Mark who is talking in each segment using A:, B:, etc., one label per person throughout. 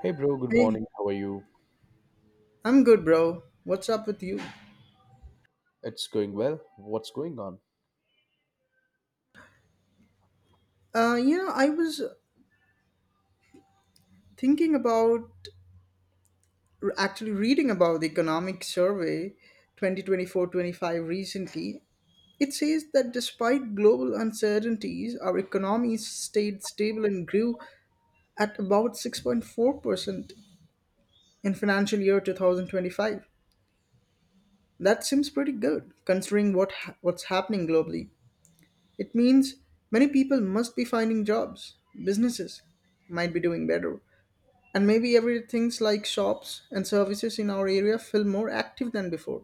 A: Hey bro, good
B: Hey,
A: morning. How are you?
B: I'm good, bro. What's up with you?
A: It's going well. What's going on?
B: I was thinking about actually reading about the economic survey 2024-25 recently. It says that despite global uncertainties, our economy stayed stable and grew at about 6.4% in financial year 2025. That seems pretty good considering what's happening globally. It means many people must be finding jobs, businesses might be doing better, and maybe everything's like shops and services in our area feel more active than before.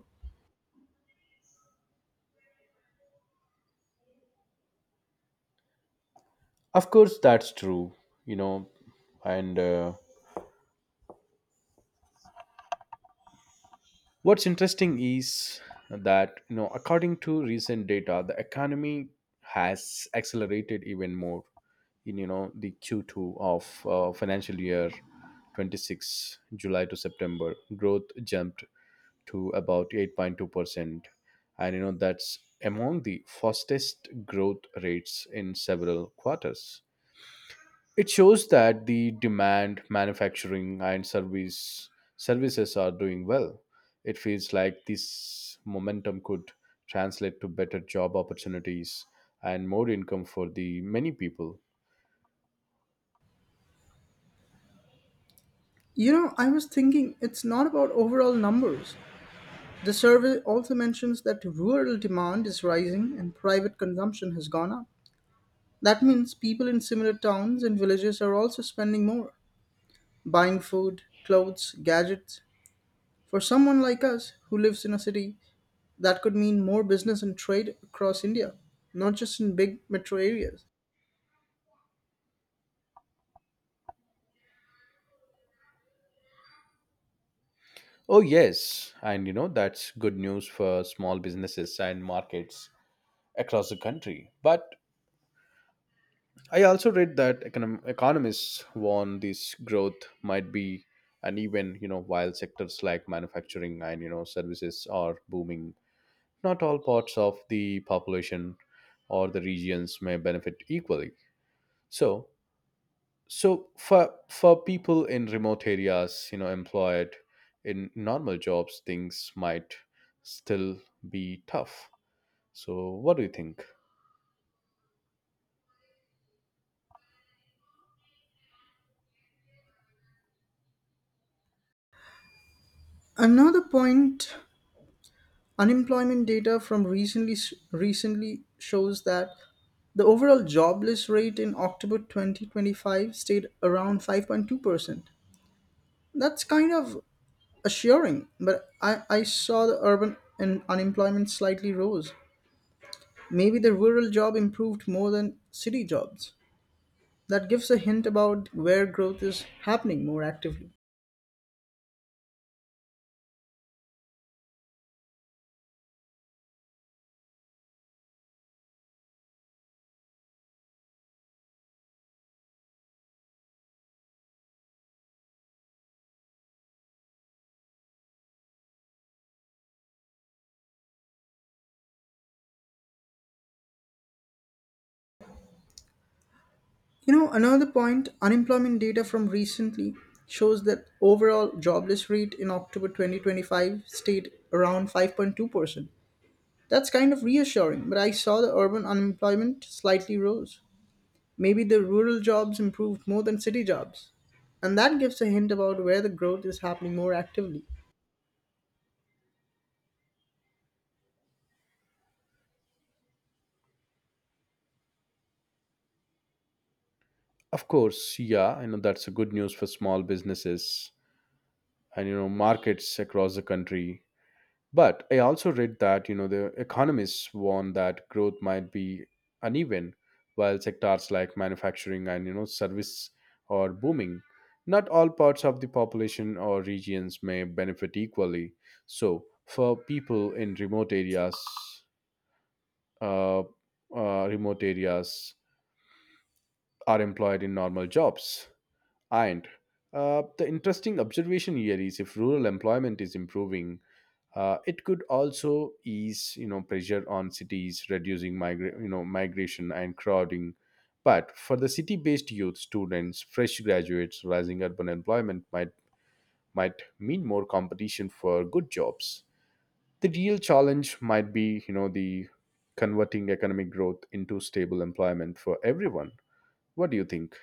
A: Of course, that's true. You know, and What's interesting is that according to recent data, the economy has accelerated even more in the Q2 of financial year 26, July to September. Growth jumped to about 8.2%. And that's among the fastest growth rates in several quarters. It shows that the demand, manufacturing, and services are doing well. It feels like this momentum could translate to better job opportunities and more income for the many people.
B: You know, I was thinking it's not about overall numbers. The survey also mentions that rural demand is rising and private consumption has gone up. That means people in similar towns and villages are also spending more, buying food, clothes, gadgets. For someone like us who lives in a city, that could mean more business and trade across India, not just in big metro areas.
A: Oh yes, and you know that's good news for small businesses and markets across the country. But I also read that economists warn this growth might be uneven, you know, while sectors like manufacturing and you know services are booming. Not all parts of the population or the regions may benefit equally. So so for for people in remote areas, you know, employed in normal jobs, things might still be tough. So what do you think?
B: Another point, unemployment data from recently shows that the overall jobless rate in October 2025 stayed around 5.2%. That's kind of assuring, but I saw the urban and unemployment slightly rose. Maybe the rural job improved more than city jobs. That gives a hint about where growth is happening more actively. You know, another point, unemployment data from recently shows that overall jobless rate in October 2025 stayed around 5.2%. That's kind of reassuring, but I saw the urban unemployment slightly rose. Maybe the rural jobs improved more than city jobs. And that gives a hint about where the growth is happening more actively.
A: Of course, yeah, I know that's a good news for small businesses and, you know, markets across the country. But I also read that, you know, the economists warn that growth might be uneven, while sectors like manufacturing and, you know, service are booming. Not all parts of the population or regions may benefit equally. So, for people in remote areas, remote areas are employed in normal jobs. And the interesting observation here is if rural employment is improving, it could also ease, you know, pressure on cities, reducing you know, migration and crowding. But for the city-based youth, students, fresh graduates, rising urban employment might mean more competition for good jobs. The real challenge might be, you know, the converting economic growth into stable employment for everyone. What do you think?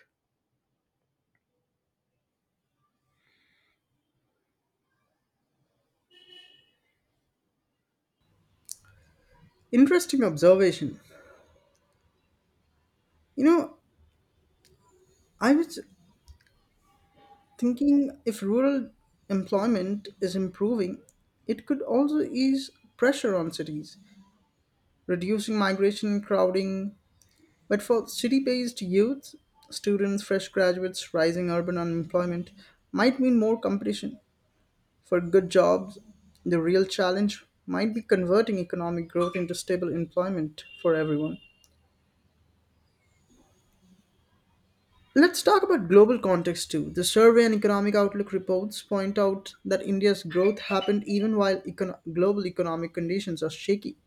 B: Interesting observation. You know, I was thinking if rural employment is improving, it could also ease pressure on cities, reducing migration and crowding. But for city based youth, students, fresh graduates, rising urban unemployment might mean more competition for good jobs. The real challenge might be converting economic growth into stable employment for everyone. Let's talk about global context too. The survey and economic outlook reports point out that India's growth happened even while global economic conditions are shaky,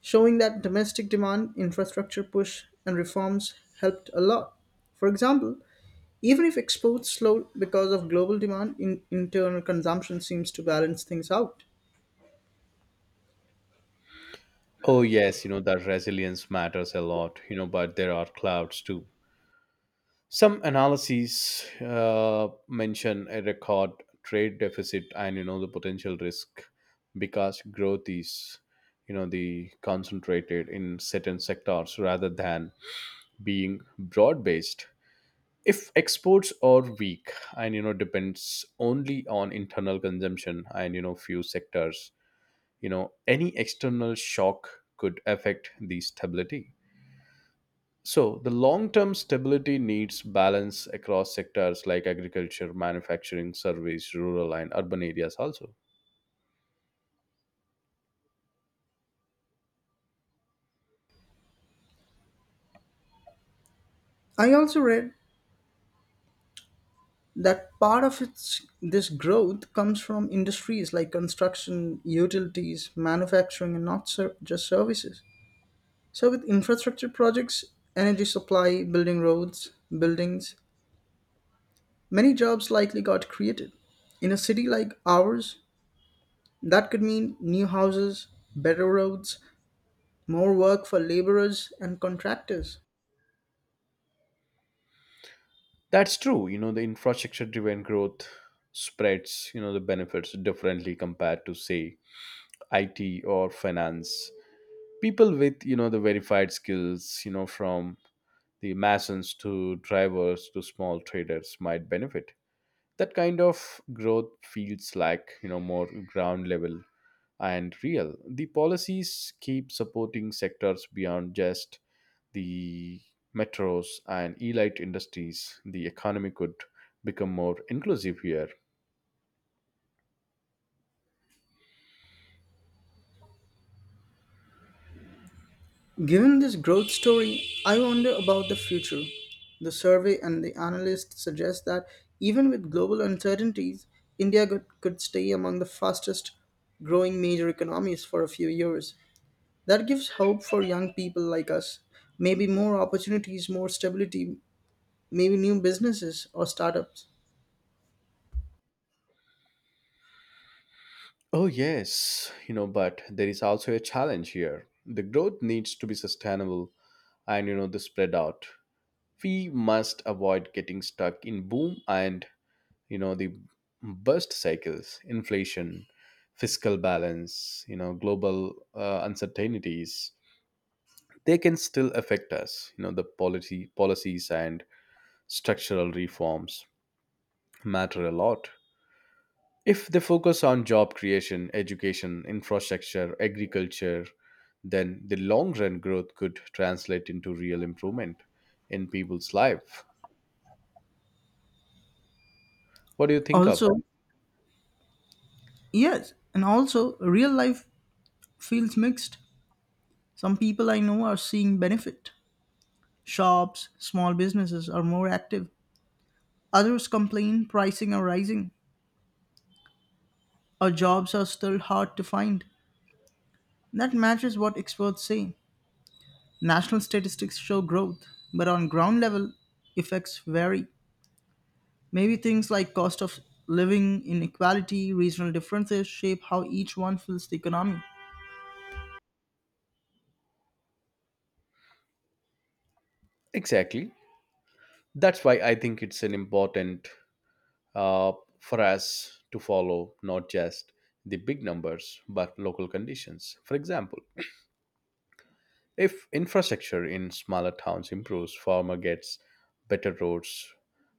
B: showing that domestic demand, infrastructure push, and reforms helped a lot. For example, even if exports slowed because of global demand, internal consumption seems to balance things out.
A: Oh yes, you know, that resilience matters a lot, you know, but there are clouds too. Some analyses mention a record trade deficit and, you know, the potential risk because growth is, you know, the concentrated in certain sectors rather than being broad based. If exports are weak and, you know, depends only on internal consumption and, you know, few sectors, you know, any external shock could affect the stability. So, the long term stability needs balance across sectors like agriculture, manufacturing, service, rural, and urban areas also.
B: I also read that part of its this growth comes from industries like construction, utilities, manufacturing, and not ser- just services. So, with infrastructure projects, energy supply, building roads, buildings, many jobs likely got created. In a city like ours, that could mean new houses, better roads, more work for laborers and contractors.
A: That's true. You know, the infrastructure driven growth spreads, you know, the benefits differently compared to, say, IT or finance. People with, you know, the verified skills, you know, from the masons to drivers to small traders might benefit. That kind of growth feels like, you know, more ground level and real. The policies keep supporting sectors beyond just the metros and elite industries. The economy could become more inclusive here.
B: Given this growth story, I wonder about the future. The survey and the analysts suggest that even with global uncertainties, India could, stay among the fastest growing major economies for a few years. That gives hope for young people like us. Maybe more opportunities, more stability, maybe new businesses or startups.
A: Oh, yes, you know, but there is also a challenge here. The growth needs to be sustainable and, you know, the spread out. We must avoid getting stuck in boom and, you know, the burst cycles, inflation, fiscal balance, you know, global uncertainties. They can still affect us, you know, the policy policies and structural reforms matter a lot. If they focus on job creation, education, infrastructure, agriculture, then the long run growth could translate into real improvement in people's life. What do you think of that?
B: Also, yes, and also real life feels mixed. Some people I know are seeing benefit. Shops, small businesses are more active. Others complain pricing are rising or jobs are still hard to find. That matches what experts say. National statistics show growth, but on ground level, effects vary. Maybe things like cost of living, inequality, regional differences shape how each one feels the economy.
A: Exactly. That's why I think it's an important uh, for us to follow not just the big numbers but local conditions. For example, if infrastructure in smaller towns improves, farmer gets better roads,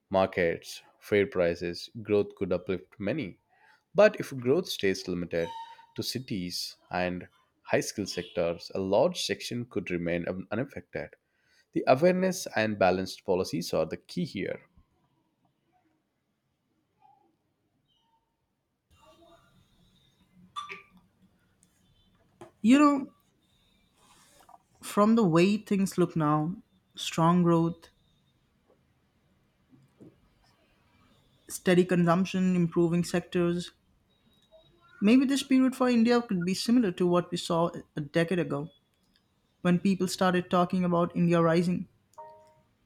A: markets, fair prices, growth could uplift many. But if growth stays limited to cities and high skill sectors, a large section could remain unaffected. The awareness and balanced policies are the key here.
B: You know, from the way things look now, strong growth, steady consumption, improving sectors, maybe this period for India could be similar to what we saw a decade ago when people started talking about India rising.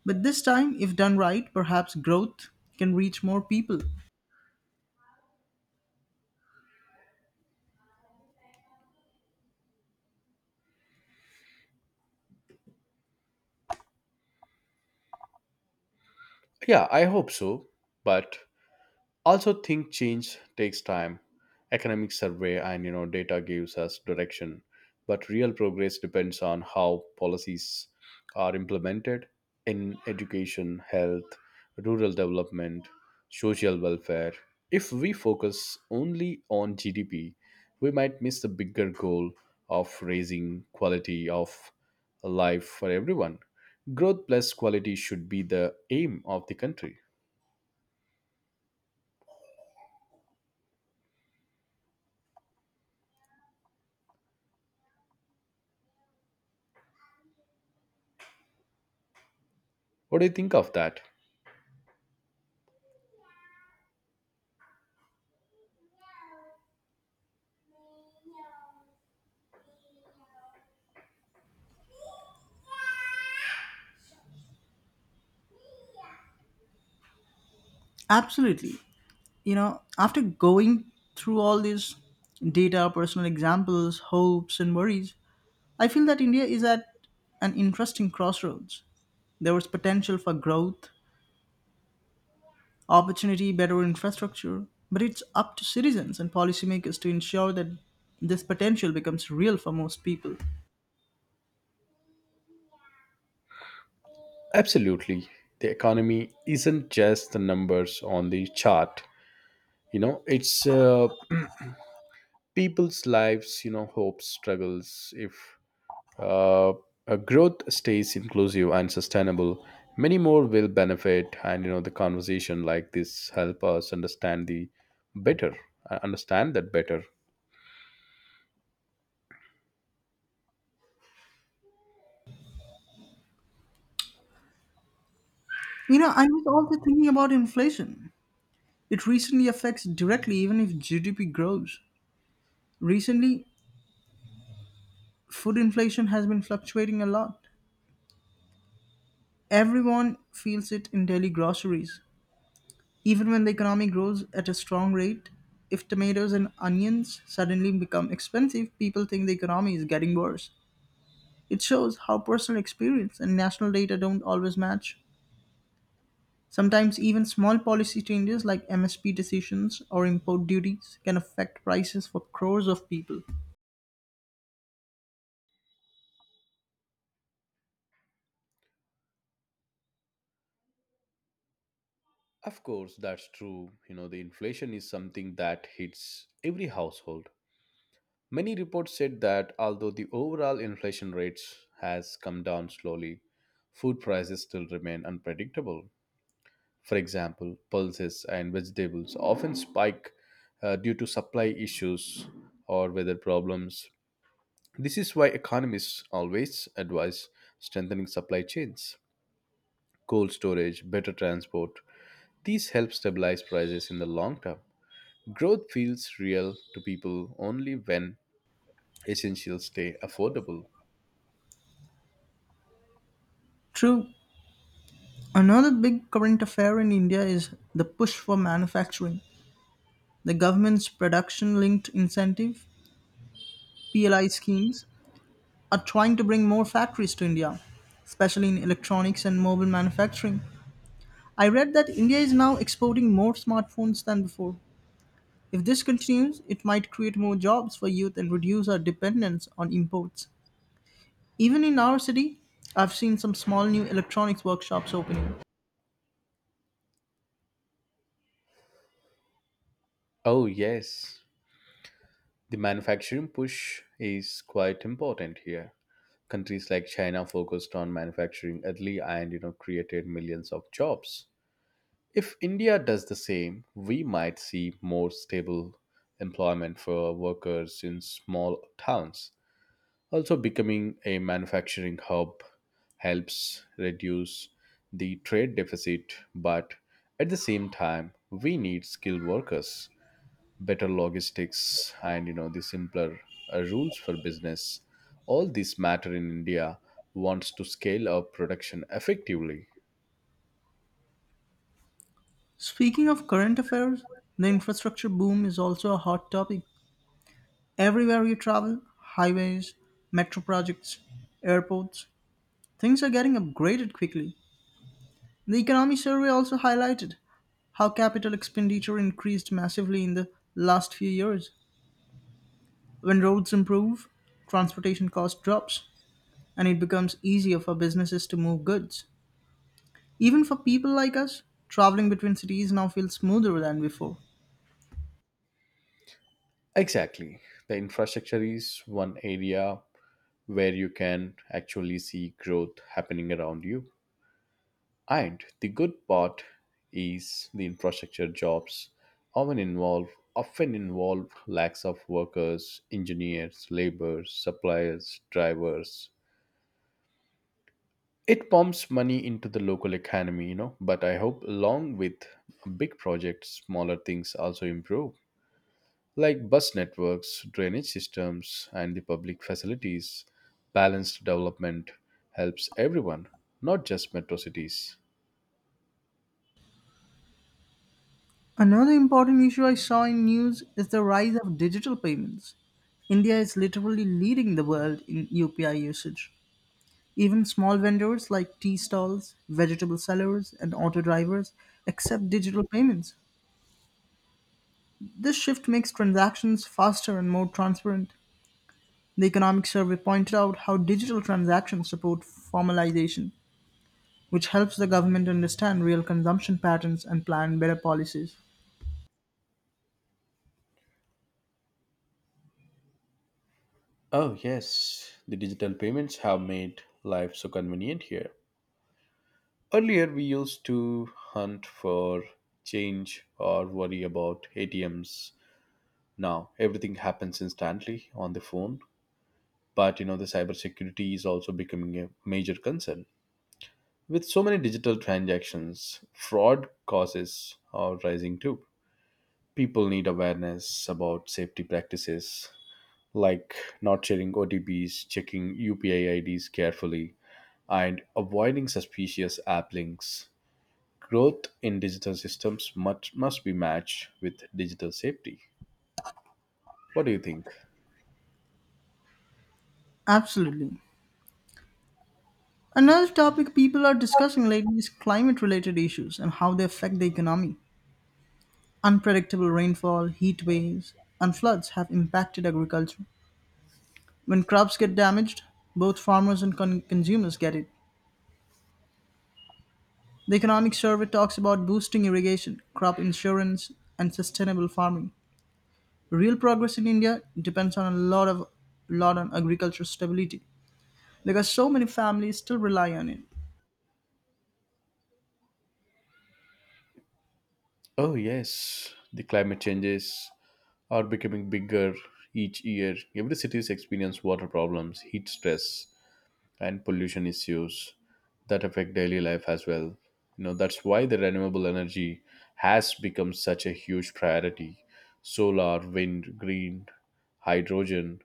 B: But this time, if done right, perhaps growth can reach more people.
A: Yeah, I hope so, but also think change takes time. Economic survey and, you know, data gives us direction, but real progress depends on how policies are implemented in education, health, rural development, social welfare. If we focus only on GDP, we might miss the bigger goal of raising quality of life for everyone. Growth plus quality should be the aim of the country. What do you think of that?
B: Absolutely. You know, after going through all these data, personal examples, hopes, and worries, I feel that India is at an interesting crossroads. There was potential for growth, opportunity, better infrastructure, but it's up to citizens and policymakers to ensure that this potential becomes real for most people.
A: Absolutely. The economy isn't just the numbers on the chart. You know, it's people's lives, you know, hopes, struggles. If uh, a growth stays inclusive and sustainable, many more will benefit. And, you know, the conversation like this help us understand better, understand that better.
B: You know, I was also thinking about inflation. It recently affects directly even if GDP grows. Recently, food inflation has been fluctuating a lot. Everyone feels it in daily groceries. Even when the economy grows at a strong rate, if tomatoes and onions suddenly become expensive, people think the economy is getting worse. It shows how personal experience and national data don't always match. Sometimes even small policy changes like MSP decisions or import duties can affect prices for crores of people.
A: Of course, that's true. You know, the inflation is something that hits every household. Many reports said that although the overall inflation rates has come down slowly, food prices still remain unpredictable. For example, pulses and vegetables often spike due to supply issues or weather problems. This is why economists always advise strengthening supply chains, cold storage, better transport. These help stabilize prices in the long term. Growth feels real to people only when essentials stay affordable.
B: True. Another big current affair in India is the push for manufacturing. The government's production linked incentive PLI schemes are trying to bring more factories to India, especially in electronics and mobile manufacturing. I read that India is now exporting more smartphones than before. If this continues, it might create more jobs for youth and reduce our dependence on imports. Even in our city, I've seen some small new electronics workshops opening.
A: Oh, yes. The manufacturing push is quite important here. Countries like China focused on manufacturing early and, you know, created millions of jobs. If India does the same, we might see more stable employment for workers in small towns. Also, becoming a manufacturing hub helps reduce the trade deficit, but at the same time, we need skilled workers, better logistics, and, you know, the simpler rules for business. All these matter in india wants to scale up production effectively.
B: Speaking of current affairs, the infrastructure boom is also a hot topic. Everywhere you travel, highways, metro projects, airports, things are getting upgraded quickly. The economy survey also highlighted how capital expenditure increased massively in the last few years. When roads improve, transportation cost drops, and it becomes easier for businesses to move goods. Even for people like us, traveling between cities now feels smoother than before.
A: Exactly. The infrastructure is one area where you can actually see growth happening around you. And the good part is the infrastructure jobs often involve often involve lacks of workers, engineers, laborers, suppliers, drivers. It pumps money into the local economy, you know, but I hope along with big projects, smaller things also improve, like bus networks, drainage systems, and the public facilities. Balanced development helps everyone, not just metro cities.
B: Another important issue I saw in news is the rise of digital payments. India is literally leading the world in UPI usage. Even small vendors like tea stalls, vegetable sellers, and auto drivers accept digital payments. This shift makes transactions faster and more transparent. The Economic Survey pointed out how digital transactions support formalization, which helps the government understand real consumption patterns and plan better policies.
A: Oh, yes. The digital payments have made life so convenient here. Earlier, we used to hunt for change or worry about ATMs. Now, everything happens instantly on the phone. But you know, the cybersecurity is also becoming a major concern. With so many digital transactions, fraud causes are rising too. People need awareness about safety practices, like not sharing OTPs, checking UPI IDs carefully, and avoiding suspicious app links. Growth in digital systems must be matched with digital safety. What do you think?
B: Absolutely. Another topic people are discussing lately is climate related issues and how they affect the economy. Unpredictable rainfall, heat waves, and floods have impacted agriculture. When crops get damaged, both farmers and consumers get it. The Economic Survey talks about boosting irrigation, crop insurance, and sustainable farming. Real progress in India depends on a lot of lot on agricultural stability because so many families still rely on it.
A: Oh, yes, the climate changes are becoming bigger each year. Every city is experiencing water problems, heat stress, and pollution issues that affect daily life as well. You know, that's why the renewable energy has become such a huge priority. Solar, wind, green, hydrogen.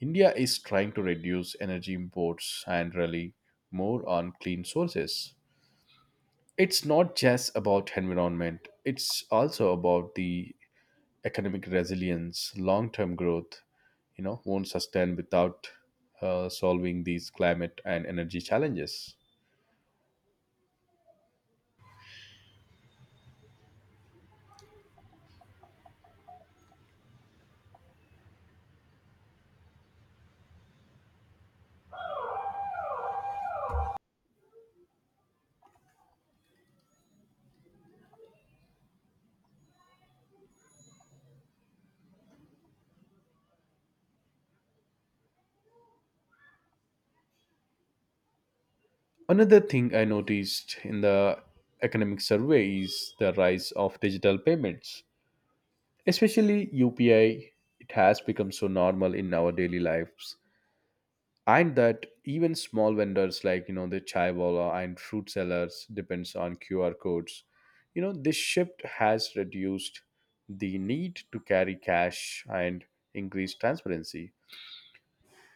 A: India is trying to reduce energy imports and rely more on clean sources. It's not just about environment, it's also about the economic resilience. Long term growth, you know, won't sustain without solving these climate and energy challenges. Another thing I noticed in the economic survey is the rise of digital payments, especially UPI. It has become so normal in our daily lives, and that even small vendors like, you know, the chai wala and fruit sellers depends on QR codes. You know, this shift has reduced the need to carry cash and increased transparency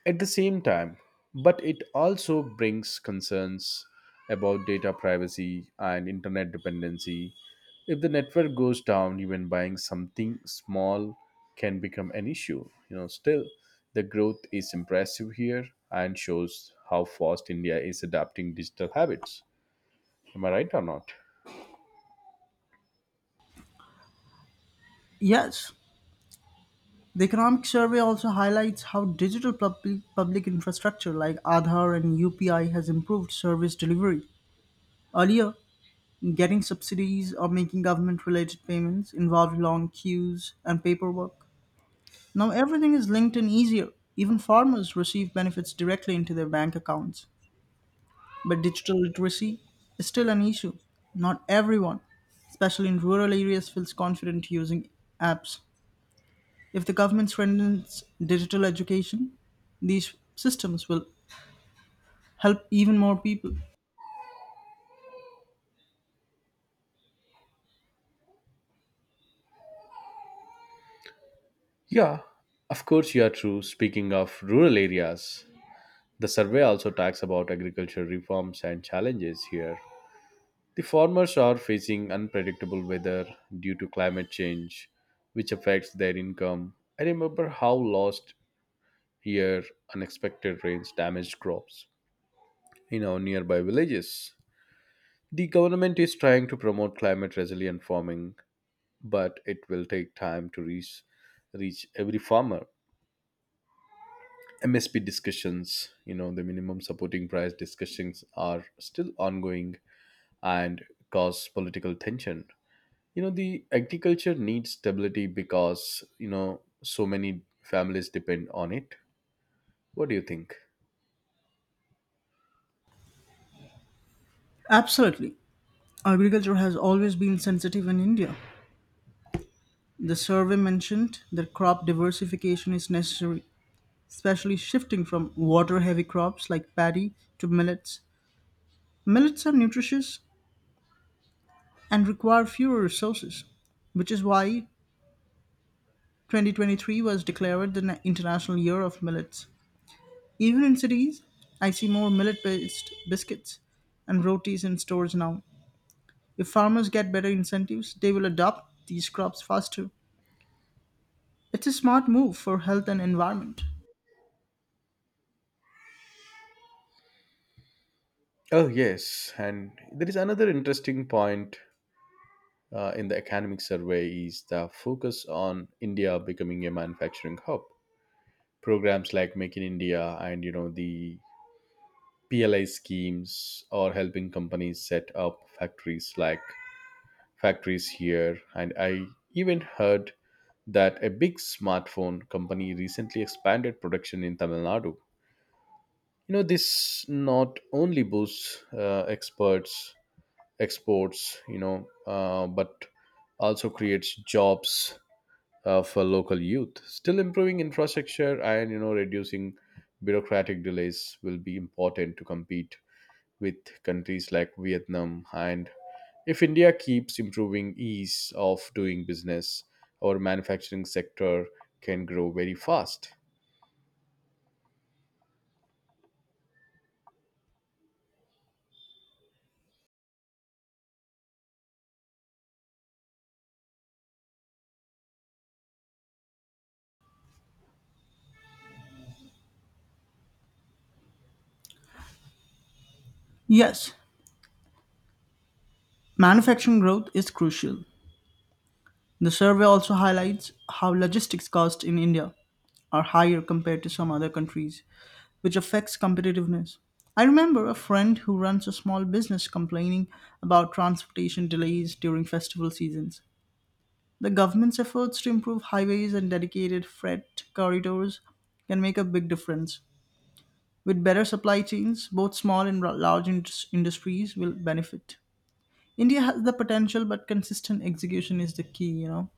A: at the same time, but it also brings concerns about data privacy and internet dependency. If the network goes down, even buying something small can become an issue. You know, still, the growth is impressive here and shows how fast India is adapting digital habits. Am I right or not?
B: Yes, the economic survey also highlights how digital public infrastructure like Aadhaar and UPI has improved service delivery. Earlier, getting subsidies or making government related payments involved long queues and paperwork. Now everything is linked and easier. Even farmers receive benefits directly into their bank accounts. But digital literacy is still an issue. Not everyone, especially in rural areas, feels confident using apps. If the government strengthens digital education, these systems will help even more people.
A: Yeah, of course you are true. Speaking of rural areas, the survey also talks about agricultural reforms and challenges here. The farmers are facing unpredictable weather due to climate change, which affects their income. I remember how last year unexpected rains damaged crops in our nearby villages. The government is trying to promote climate resilient farming, but it will take time to reach every farmer. MSP discussions, you know, the minimum supporting price discussions are still ongoing and cause political tension. You know, the agriculture needs stability because, you know, so many families depend on it. What do you think?
B: Absolutely. Agriculture has always been sensitive in India. The survey mentioned that crop diversification is necessary, especially shifting from water heavy crops like paddy to millets. Millets are nutritious and require fewer resources, which is why 2023 was declared the International Year of Millets. Even in cities, I see more millet based biscuits and rotis in stores now. If farmers get better incentives, they will adopt these crops faster. It's a smart move for health and environment.
A: Oh yes, and there is another interesting point, in the academic survey is the focus on india becoming a manufacturing hub. Programs like make in india and, you know, the PLI schemes are helping companies set up factories here, and I even heard that a big smartphone company recently expanded production in Tamil Nadu. You know, this not only boosts experts exports, you know, but also creates jobs for local youth. Still, improving infrastructure and, you know, reducing bureaucratic delays will be important to compete with countries like Vietnam. And if India keeps improving ease of doing business, our manufacturing sector can grow very fast.
B: Yes, manufacturing growth is crucial. The survey also highlights how logistics costs in India are higher compared to some other countries, which affects competitiveness. I remember a friend who runs a small business complaining about transportation delays during festival seasons. The government's efforts to improve highways and dedicated freight corridors can make a big difference. With better supply chains, both small and large industries will benefit. India has the potential, but consistent execution is the key, you know.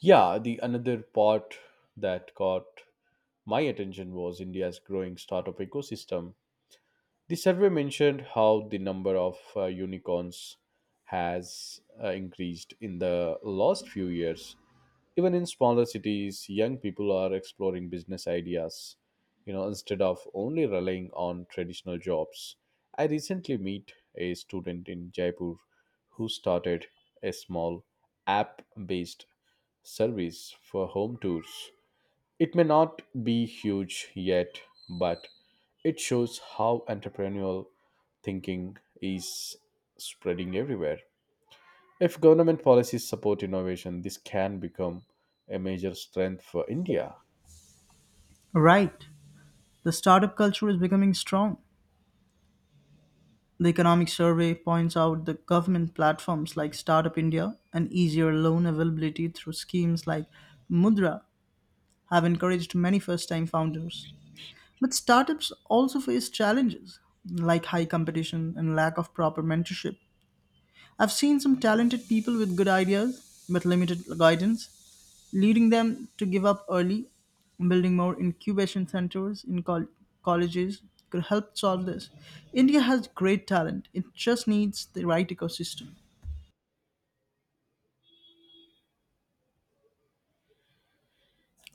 A: Yeah, the another part that caught my attention was India's growing startup ecosystem. The survey mentioned how the number of unicorns has increased in the last few years. Even in smaller cities, young people are exploring business ideas, you know, instead of only relying on traditional jobs. I recently meet a student in Jaipur who started a small app-based service for home tours. It may not be huge yet, but it shows how entrepreneurial thinking is spreading everywhere. If government policies support innovation, this can become a major strength for India.
B: Right. The startup culture is becoming strong. The economic survey points out the government platforms like Startup India and easier loan availability through schemes like Mudra have encouraged many first time founders. But startups also face challenges like high competition and lack of proper mentorship. I've seen some talented people with good ideas but limited guidance, leading them to give up early. Building more incubation centers in colleges could help solve this. India has great talent, it just needs the right ecosystem.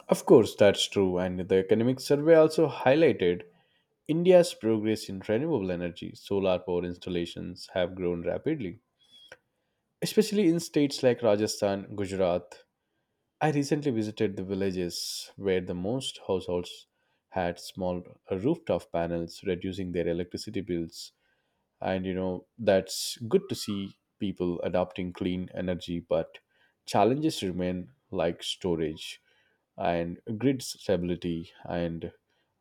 A: Of course, that's true, and the economic survey also highlighted India's progress in renewable energy. Solar power installations have grown rapidly, especially in states like Rajasthan, Gujarat. I recently visited the villages where the most households had small rooftop panels, reducing their electricity bills. And you know, that's good to see people adopting clean energy, but challenges remain like storage and grid stability. And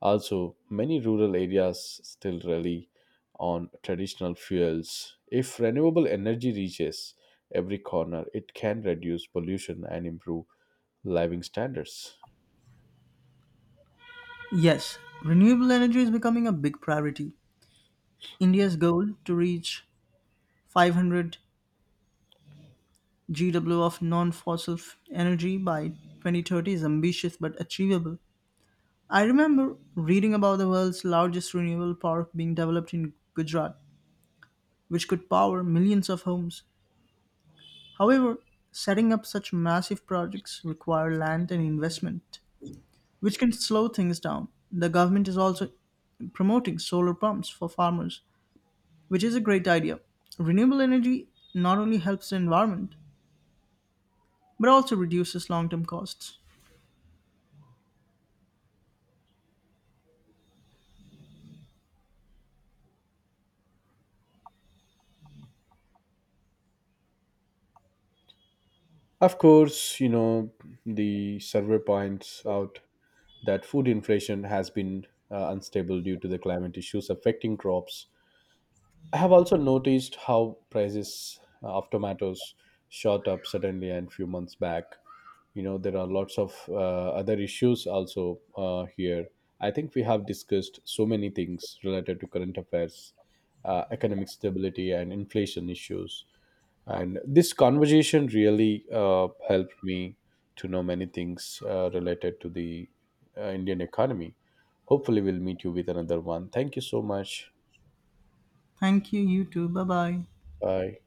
A: also many rural areas still rely on traditional fuels. If renewable energy reaches every corner, it can reduce pollution and improve living standards.
B: Yes, renewable energy is becoming a big priority. India's goal to reach 500 GW of energy by 2030 is ambitious but achievable. I remember reading about the world's largest renewable park being developed in Gujarat, which could power millions of homes. However, setting up such massive projects require land and investment, which can slow things down. The government is also promoting solar pumps for farmers, which is a great idea. Renewable energy not only helps the environment, but also reduces long term costs.
A: Of course, you know, the survey points out that food inflation has been unstable due to the climate issues affecting crops. I have also noticed how prices of tomatoes shot up suddenly and few months back. You know, there are lots of other issues also here. I think we have discussed so many things related to current affairs, economic stability, and inflation issues, and this conversation really helped me to know many things related to the indian economy. Hopefully we'll meet you with another one. Thank you so much.
B: Thank you. You too. Bye bye.
A: Bye.